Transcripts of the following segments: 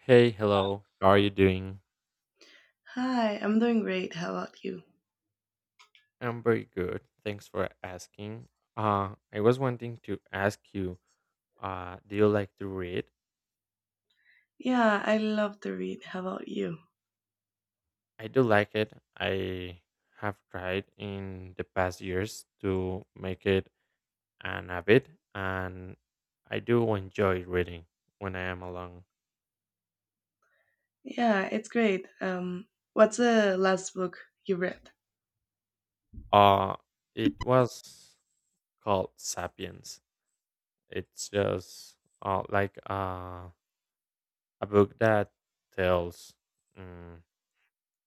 Hey, hello. How are you doing? Hi, I'm doing great. How about you? I'm very good. Thanks for asking. I was wanting to ask you, do you like to read? Yeah, I love to read. How about you? I do like it. I have tried in the past years to make it an habit, and I do enjoy reading when I am alone. Yeah, it's great. What's the last book you read? Uh, it was called Sapiens. It's just like a book that tells. mm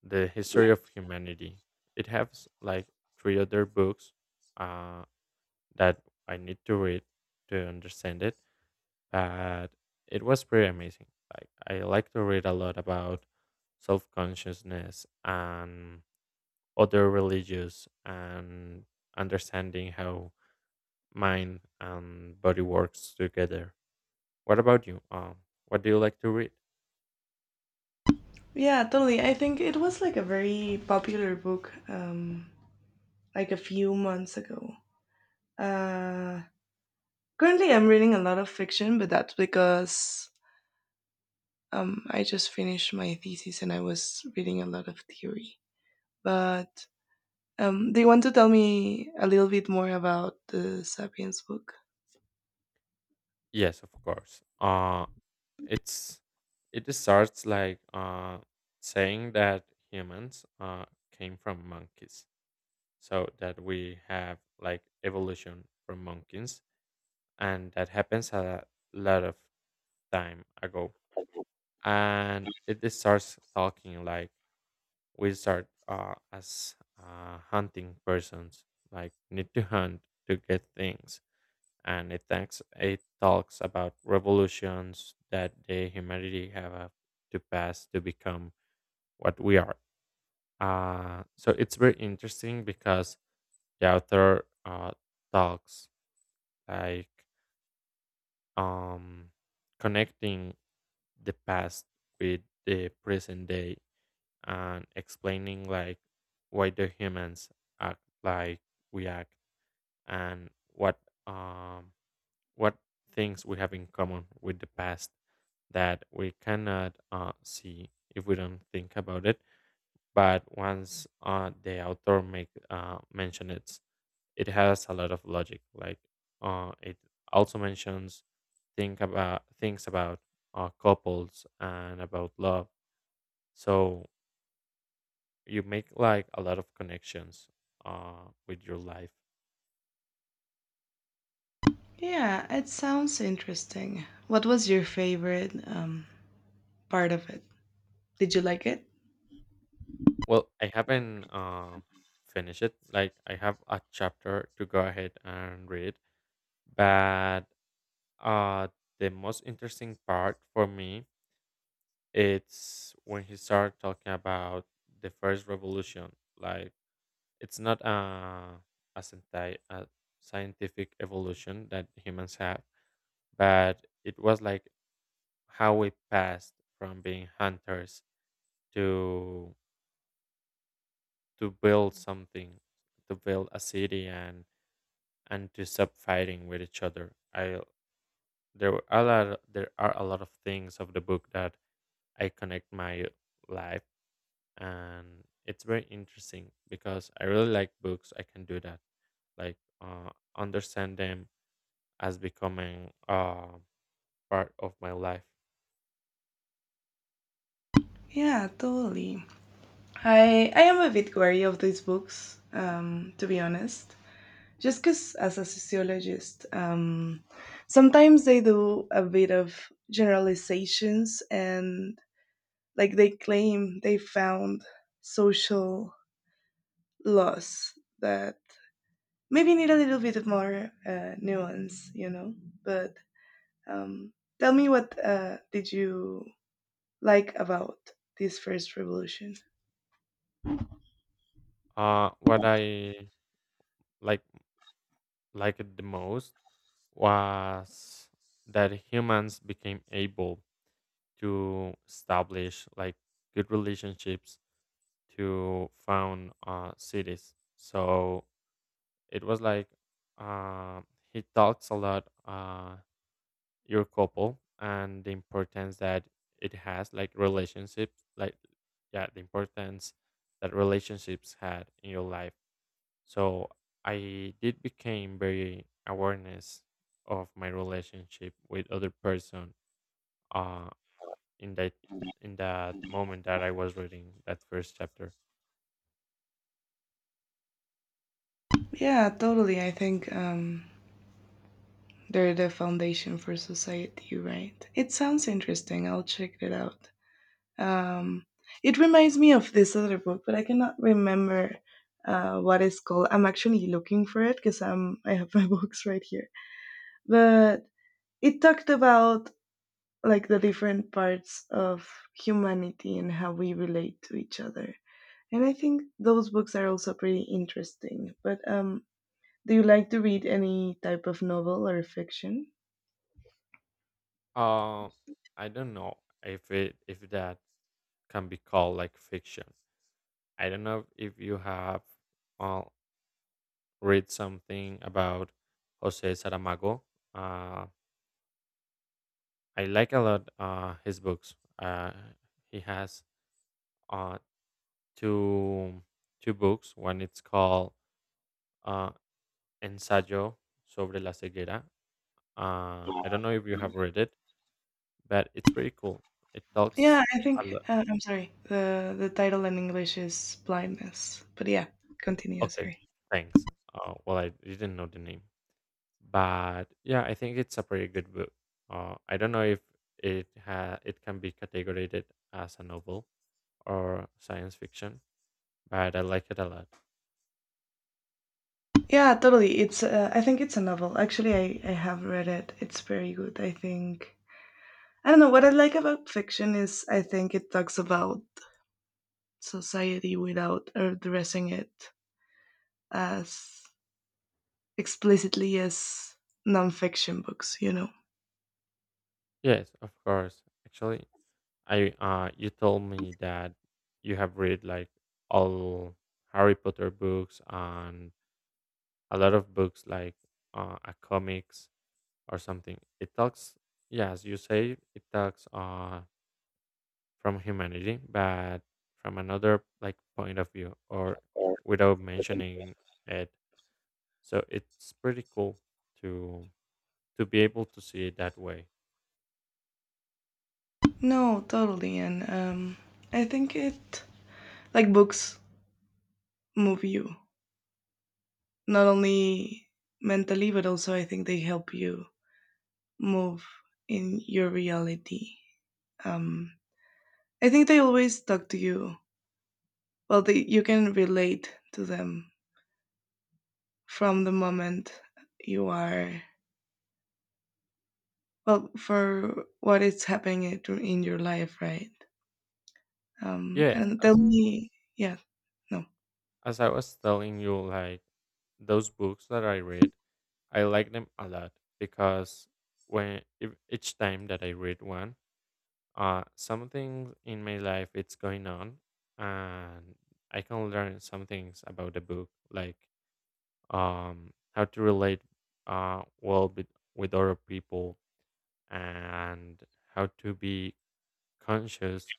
the history of humanity. It has like three other books, uh, that I need to read to understand it, but it was pretty amazing. Like I like to read a lot about self-consciousness and other religious and understanding how mind and body works together. What about you? What do you like to read? Yeah, totally. I think it was like a very popular book, like a few months ago. Uh, Currently, I'm reading a lot of fiction, but that's because I just finished my thesis and I was reading a lot of theory. But do you want to tell me a little bit more about the Sapiens book? Yes, of course. It's it starts like saying that humans came from monkeys, so that we have like evolution from monkeys, and that happens a lot of time ago. And it just starts talking like we start as hunting persons, like need to hunt to get things. And it talks about revolutions that the humanity have to pass to become what we are. So it's very interesting because the author talks like, um, connecting the past with the present day and explaining like why the humans act like we act and um what things we have in common with the past that we cannot see if we don't think about it. But once the author make mention it, it has a lot of logic. Like it also mentions think about things about couples and about love. So you make like a lot of connections with your life. Yeah, it sounds interesting. What was your favorite part of it? Did you like it? Well, I haven't finished it. Like I have a chapter to go ahead and read, but uh, the most interesting part for me it's when he started talking about the first revolution. Like it's not a scientific evolution that humans have, but it was like how we passed from being hunters to to build something, to build a city and to stop fighting with each other. I there were a lot there are a lot of things of the book that I connect my life, and it's very interesting because I really like books. I can do that like, understand them as becoming part of my life. Yeah, totally. I am a bit wary of these books, to be honest. Just because, as a sociologist, sometimes they do a bit of generalizations and like they claim they found social laws that maybe need a little bit of more nuance. But Um, tell me what did you like about this first revolution? What I like liked the most was that humans became able to establish like good relationships to found cities. So it was like, uh, he talks a lot, your couple, and the importance that it has, like relationships, like yeah, the importance that relationships had in your life. So I did became very awareness of my relationship with other person uh, in that in that moment that I was reading that first chapter. Yeah, totally. I think they're the foundation for society, right? It sounds interesting. I'll check it out. Um, it reminds me of this other book, but I cannot remember what it's called. I'm actually looking for it because I have my books right here. But it talked about like the different parts of humanity and how we relate to each other. And I think those books are also pretty interesting. But do you like to read any type of novel or fiction? Uh, I don't know if that can be called like fiction. I don't know if you have uh, read something about Jose Saramago. Uh, I like a lot his books. He has uh, two two books. One it's called uh, Ensayo sobre la ceguera. I don't know if you have read it, but it's pretty cool. It talks Yeah, I a think lot. I'm sorry. The title in English is Blindness. But yeah, continue, Okay, sorry. thanks. Well, I didn't know the name, but yeah, I think it's a pretty good book. I don't know if it can be categorized as a novel or science fiction, but I like it a lot. Yeah, totally. It's I think it's a novel. Actually, I have read it. It's very good, I think. I don't know what I like about fiction is I think it talks about society without addressing it as explicitly as non-fiction books. Yes, of course. Actually, I you told me that you have read like all Harry Potter books and a lot of books like, a comics or something. It talks, yeah, as you say, it talks. From humanity, but from another like point of view or Or without within. mentioning it. So it's pretty cool to to be able to see it that way. No, totally. And I think it, like books, move you not only mentally, but also I think they help you move in your reality. Um, I think they always talk to you. Well, they, you can relate to them from the moment you are, well, for what is happening in your life, right? Yes, And tell as me, yeah, no. as I was telling you, like those books that I read, I like them a lot because when if, each time that I read one, something in my life it's going on, and I can learn some things about the book, like, how to relate well with other people and how to be conscious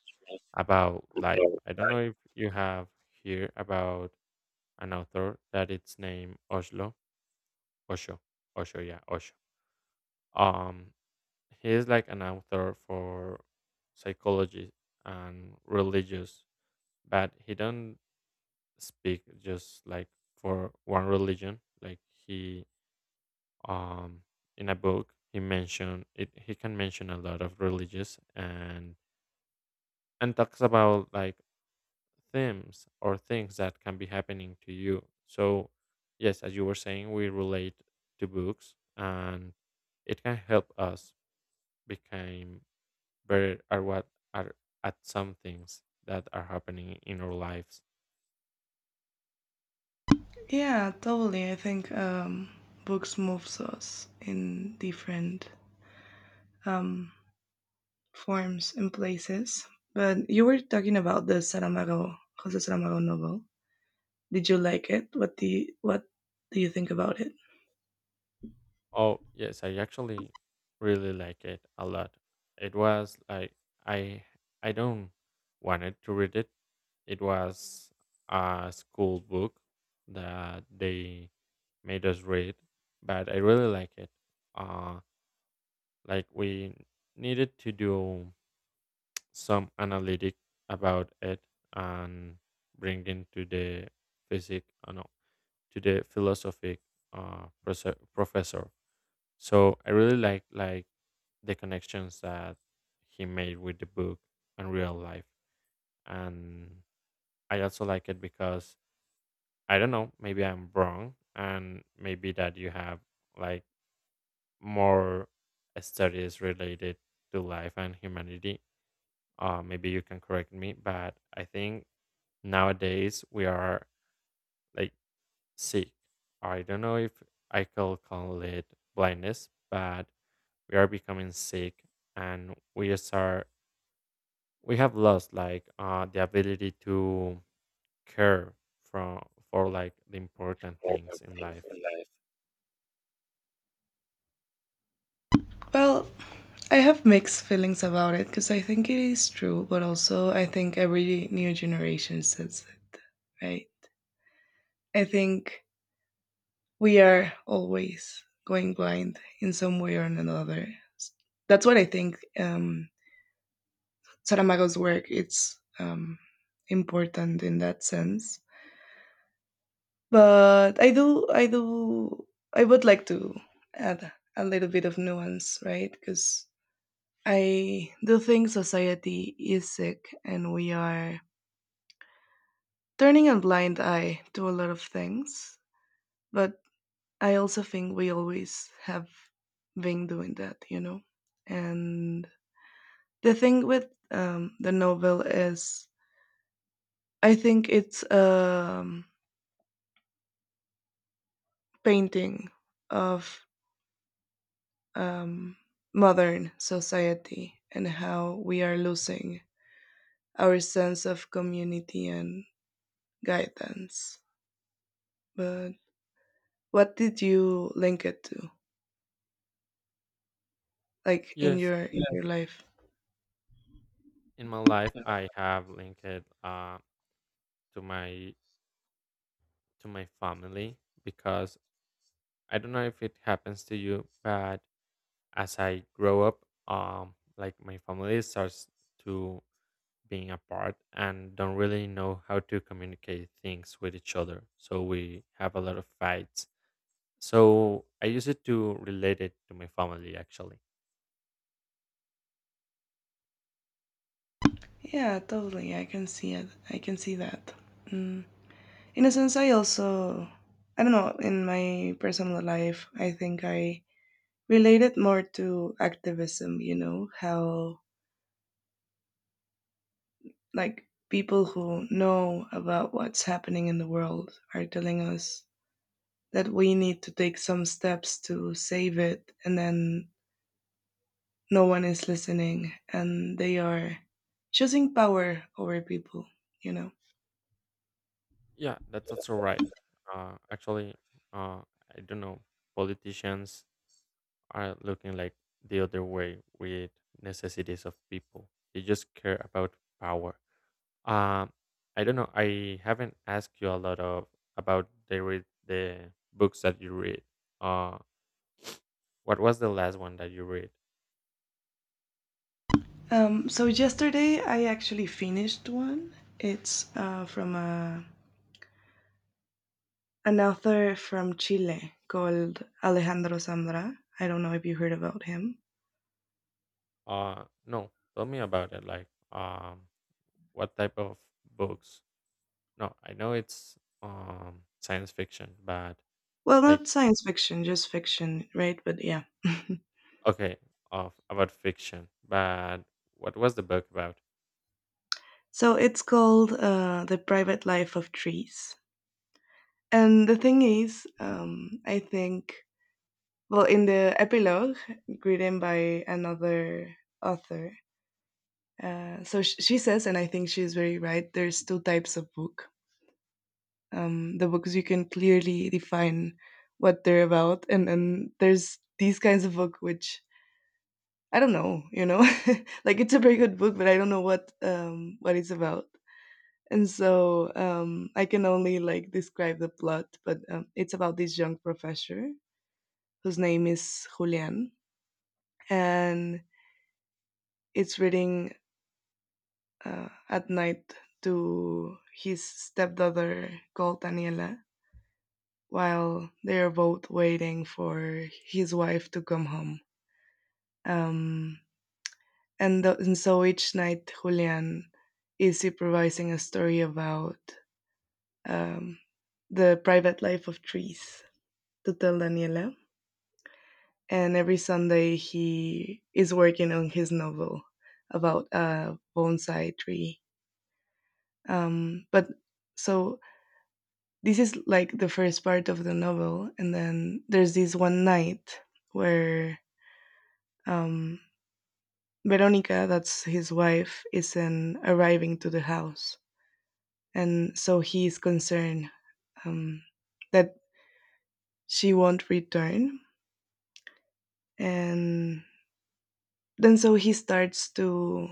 about life. I don't know if you have here about an author that it's named Osho, Osho, yeah, Osho. Um, he is like an author for psychology and religious, but he don't speak just like for one religion. Like he um, in a book he can mention a lot of religious and talks about like themes or things that can be happening to you. So yes, as you were saying, we relate to books, and it can help us become better at what are at some things that are happening in our lives. Yeah, totally. I think books moves us in different um, forms and places. But you were talking about the Saramago, Jose Saramago novel. Did you like it? What do you think about it? Oh, yes, I actually really like it a lot. It was like I I don't wanted to read it. It was a school book that they made us read, but I really like it. Uh like we needed to do some analytic about it and bring into the physic, no, to the philosophic, professor. So I really like the connections that he made with the book and real life. And I also like it because I don't know, maybe I'm wrong, and maybe that you have like more studies related to life and humanity. Maybe you can correct me, but I think nowadays we are like sick. I don't know if I could call it blindness, but we are becoming sick and we have lost like the ability to care from for like the important things in life. Well, I have mixed feelings about it because I think it is true, but also I think every new generation says it, right? I think we are always going blind in some way or another. That's what I think. Saramago's work it's important in that sense. But I would like to add a little bit of nuance, right? Because I do think society is sick, and we are turning a blind eye to a lot of things. But I also think we always have been doing that, you know? And the thing with the novel is, I think it's a um, painting of um, modern society and how we are losing our sense of community and guidance. But what did you link it to? Like in Yes, your in Yeah. Your life? in my life I have linked it, to my to my family, because I don't know if it happens to you, but as I grow up, like my family starts to being apart and don't really know how to communicate things with each other, so we have a lot of fights. So I use it to relate it to my family, actually. Yeah, totally. I can see it. I can see that. Mm. In a sense, I also, I don't know, in my personal life, I think I related more to activism. You know how like people who know about what's happening in the world are telling us that we need to take some steps to save it, and then no one is listening and they are choosing power over people you know Yeah, that's also right. Actually, uh, I don't know. Politicians are looking like the other way with necessities of people. They just care about power. Um, I don't know. I haven't asked you a lot of about the read the books that you read. Uh, what was the last one that you read? So yesterday I actually finished one. It's from a an author from Chile called Alejandro Zambra. I don't know if you heard about him. No, tell me about it. Like, what type of books? No, I know it's science fiction, but Well, like not science fiction, just fiction, right? But yeah. okay, of about fiction, but what was the book about? So it's called The Private Life of Trees. And the thing is, I think, well, in the epilogue written by another author, so she says, and I think she's very right, there's two types of book, the books you can clearly define what they're about, and then there's these kinds of book which I don't know. Like it's a very good book, but I don't know what it's about. And so I can only like describe the plot, but it's about this young professor whose name is Julian, and it's reading at night to his stepdaughter called Daniela while they are both waiting for his wife to come home. Um, and so each night, Julian is improvising a story about um, the private life of trees to tell Daniela. And every Sunday, he is working on his novel about a bonsai tree. But so this is like the first part of the novel. And then there's this one night where um, Veronica, that's his wife, isn't arriving to the house, and so he is concerned um, that she won't return. And then so he starts to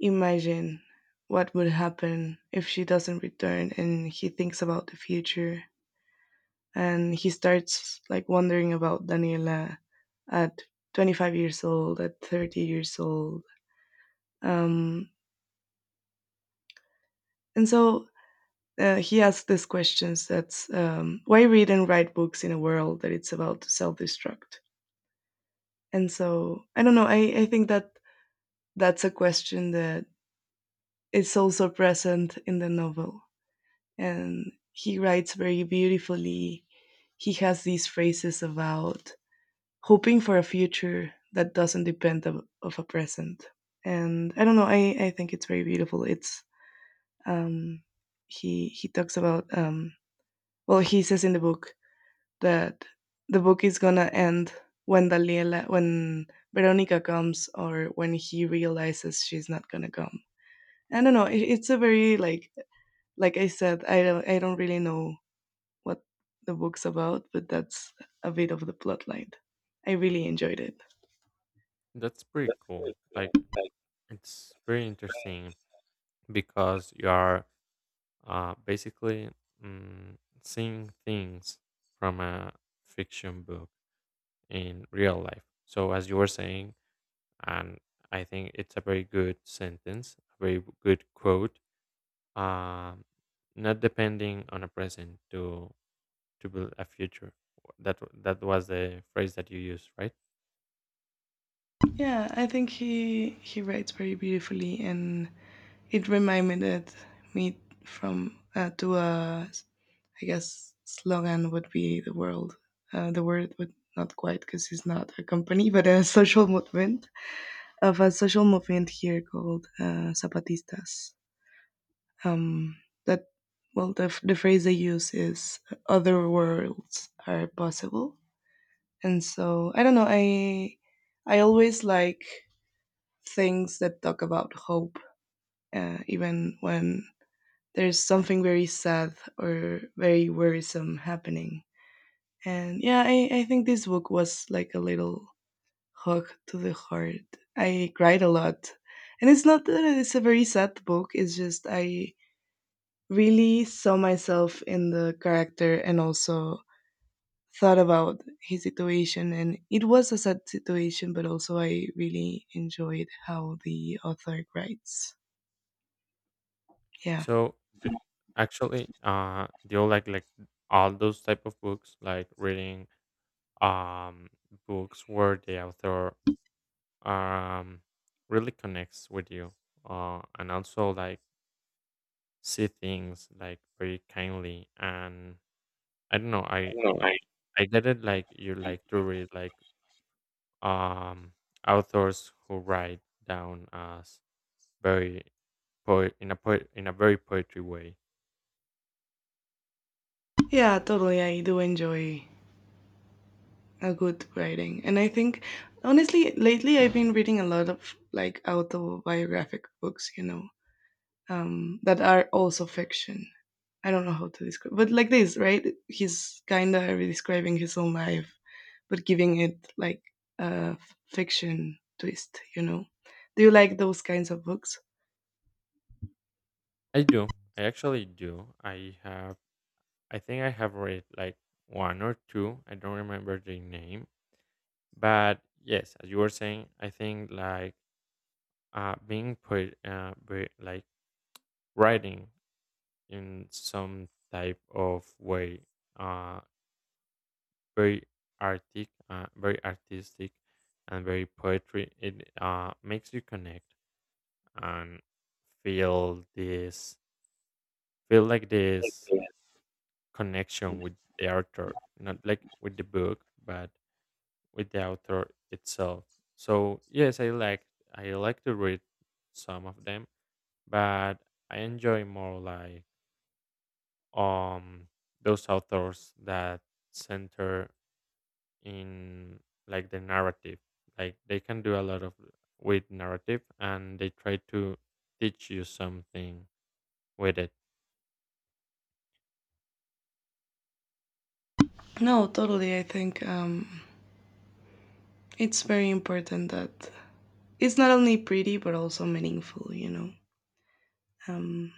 imagine what would happen if she doesn't return, and he thinks about the future, and he starts like wondering about Daniela at 25 years old, at 30 years old. Um, and so he asked this questions, that's why read and write books in a world that it's about to self-destruct. And so I don't know, I think that that's a question that is also present in the novel, and he writes very beautifully. He has these phrases about hoping for a future that doesn't depend of a present, and I don't know, I think it's very beautiful. It's um, he talks about well, he says in the book that the book is gonna end when Veronica comes, or when he realizes she's not gonna come. I don't know. It's a very like I said, I don't really know what the book's about, but that's a bit of the plot line. I really enjoyed it. That's pretty cool. Like it's pretty interesting because you are basically, mm, seeing things from a fiction book in real life. So as you were saying, and I think it's a very good sentence, a very good quote. Um, Not depending on a present to build a future. That was the phrase that you used, right? Yeah, I think he writes very beautifully, and it reminded me from to a, I guess slogan would be the world. The word would not quite, because it's not a company, but a social movement here called Zapatistas. Um, that, well, the phrase they use is "other worlds are possible," and so I don't know. I always like things that talk about hope, even when there's something very sad or very worrisome happening. And yeah, I think this book was like a little hug to the heart. I cried a lot. And it's not that it's a very sad book, it's just I really saw myself in the character and also thought about his situation. And it was a sad situation, but also I really enjoyed how the author writes. Yeah. So d- actually, do you like all those type of books, like reading um books where the author um really connects with you, and also like see things like very kindly, and I don't know, I No, I. I get it, like you like to read like um authors who write down as very poet in a very poetry way. Yeah, totally. I do enjoy a good writing. And I think, honestly, lately I've been reading a lot of like autobiographic books, that are also fiction. I don't know how to describe, but like this, right? He's kind of describing his own life, but giving it like a fiction twist. Do you like those kinds of books? I do. I actually do. I have. I think I have read like one or two. I don't remember the name, but yes, as you were saying, I think like like writing in some type of way, uh very very artistic and very poetry, it makes you connect and feel this feel like this connection with the author, not like with the book, but with the author itself. So yes, I like to read some of them, but I enjoy more like um those authors that center in like the narrative. Like they can do a lot of with narrative and they try to teach you something with it. No, totally. I think it's very important that it's not only pretty but also meaningful. Um,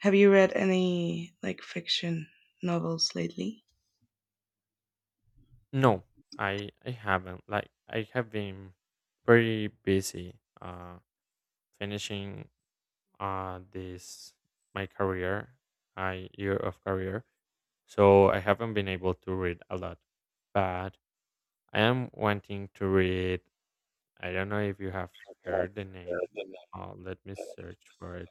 Have you read any like fiction novels lately? No, I haven't. Like I have been pretty busy finishing this my career, my year of career. So I haven't been able to read a lot. But I am wanting to read. I don't know if you have heard the name. Let me search for it.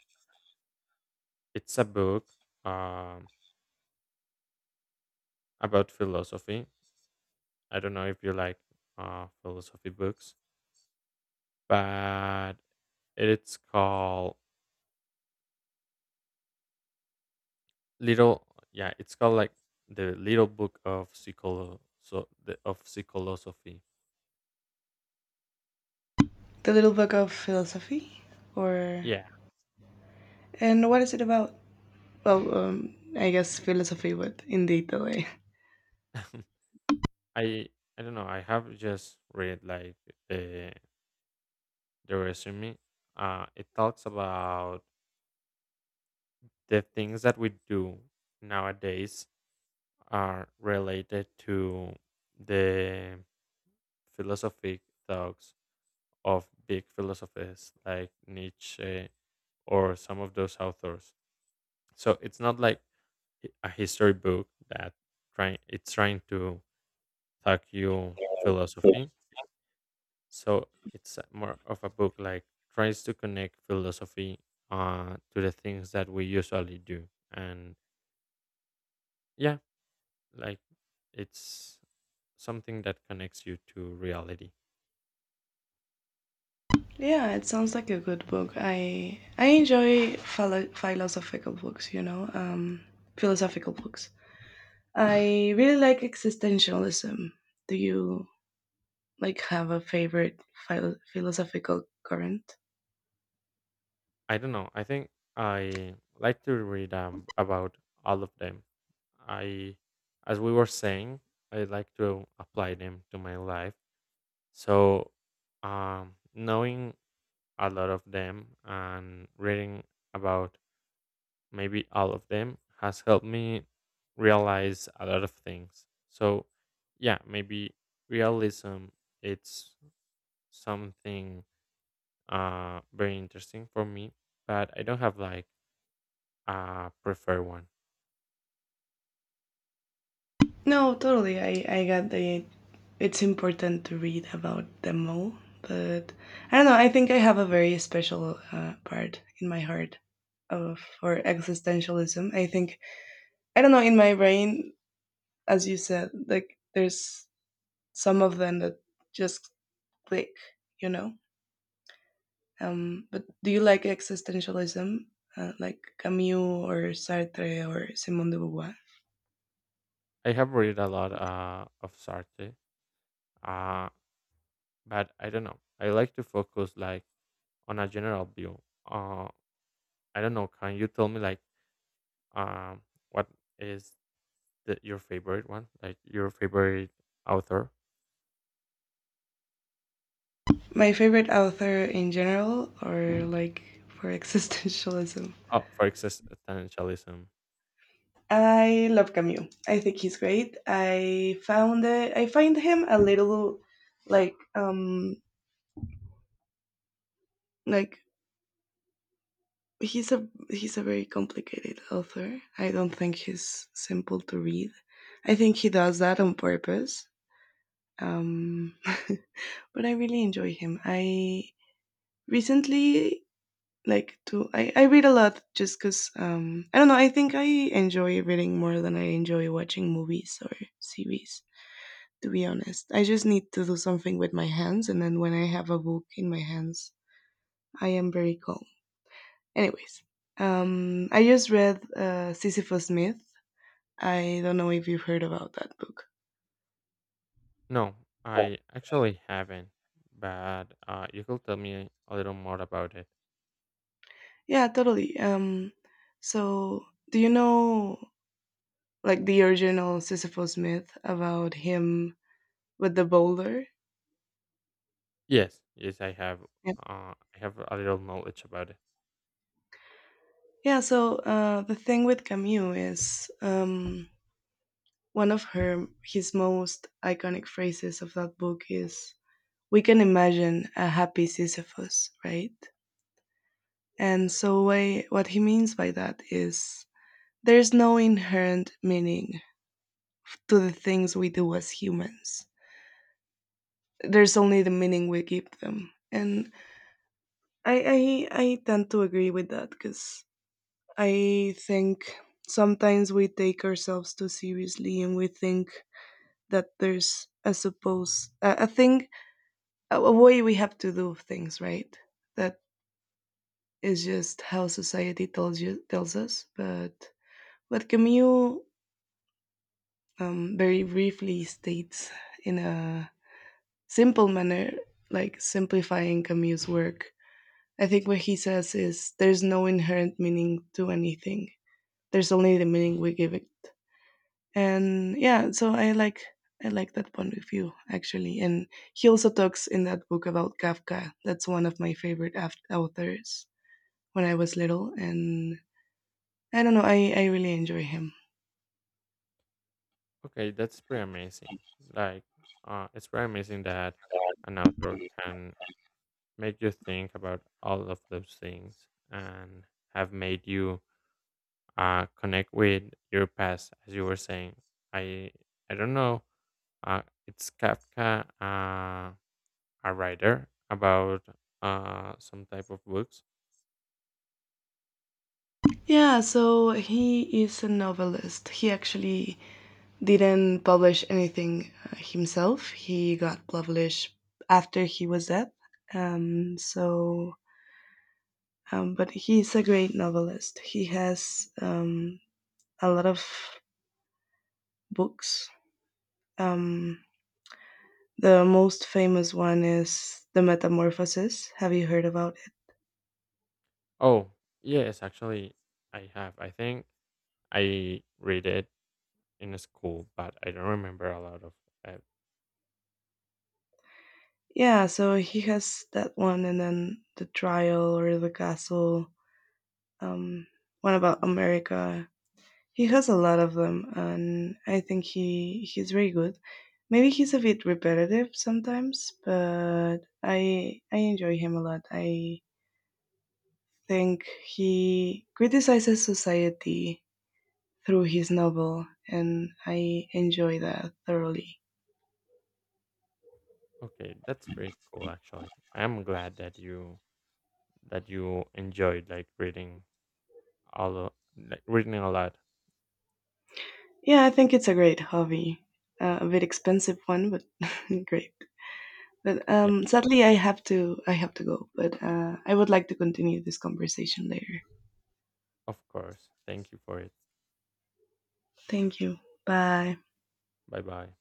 It's a book um about philosophy. I don't know if you like philosophy books. But it's called little yeah, it's called like the Little Book of Psycholo so the of psychology. The Little Book of Philosophy, or Yeah. and what is it about? Well, I guess philosophy, but in detail. Eh? I I don't know, I have just read like the the resume. It talks about the things that we do nowadays are related to the philosophic thoughts of big philosophers like Nietzsche or some of those authors. So it's not like a history book that trying it's trying to talk you philosophy. So it's more of a book like tries to connect philosophy to the things that we usually do, and yeah, like it's something that connects you to reality. Yeah, it sounds like a good book. I enjoy philosophical books. You know, philosophical books. I really like existentialism. Do you like have a favorite philosophical current? I don't know, I think I like to read, about all of them. I As we were saying, I like to apply them to my life. So, knowing a lot of them and reading about maybe all of them has helped me realize a lot of things. So, yeah, maybe realism it's something very interesting for me, but I don't have like a preferred one. No, totally. I got the it's important to read about them all, but I don't know. I think I have a very special part in my heart of for existentialism. I think I don't know, in my brain, as you said, like there's some of them that just click, you know. But do you like existentialism, like Camus or Sartre or Simone de Beauvoir? I have read a lot of Sartre, uh, but I don't know. I like to focus like on a general view. Uh, I don't know. Can you tell me like, Um, what is your favorite one? Like your favorite author? My favorite author in general or like for existentialism? Oh, for existentialism. I love Camus. I think he's great. I find him a little like um like he's a very complicated author. I don't think he's simple to read. I think he does that on purpose. Um but I really enjoy him. I recently I read a lot just because I don't know, I think I enjoy reading more than I enjoy watching movies or series, to be honest. I just need to do something with my hands, and then when I have a book in my hands, I am very calm. Anyways, I just read Sisyphus Myth. I don't know if you've heard about that book. No, Yeah. I actually haven't. But you could tell me a little more about it. Yeah, totally. So do you know like the original Sisyphus myth about him with the boulder? Yes, yes, I have. Yeah. I have a little knowledge about it. Yeah, so the thing with Camus is one of her his most iconic phrases of that book is "We can imagine a happy Sisyphus," right? And so what he means by that is there's no inherent meaning to the things we do as humans. There's only the meaning we give them, and I tend to agree with that, because I think sometimes we take ourselves too seriously, and we think that there's, I suppose, a thing, a way we have to do things right, that is just how society tells us. But what Camus very briefly states in a simple manner, like simplifying Camus work, I think what he says is there's no inherent meaning to anything, there's only the meaning we give it. And yeah, so I like that point of view, actually, and he also talks in that book about Kafka, that's one of my favorite authors when I was little, and I don't know, I really enjoy him. Okay, that's pretty amazing. Like, it's pretty amazing that an author can make you think about all of those things and have made you connect with your past, as you were saying. I I don't know. Uh, it's Kafka, a writer about some type of books. Yeah, so he is a novelist. He actually didn't publish anything himself. He got published after he was dead. So but he's a great novelist. He has a lot of books. Um, the most famous one is The Metamorphosis. Have you heard about it? Oh yes, actually, I have. I think I read it in school, but I don't remember a lot of. Uh, Yeah, so he has that one, and then The Trial or The Castle, um, one about America. He has a lot of them, and I think he's very good. Maybe he's a bit repetitive sometimes, but I enjoy him a lot. I think he criticizes society through his novel, and I enjoy that thoroughly. okay, that's pretty cool. Actually, I am glad that you enjoyed like reading like reading a lot. Yeah, I think it's a great hobby. A bit expensive one, but great. But Yeah, sadly, I have to go. But I would like to continue this conversation later. of course. Thank you for it. Thank you. Bye. Bye bye.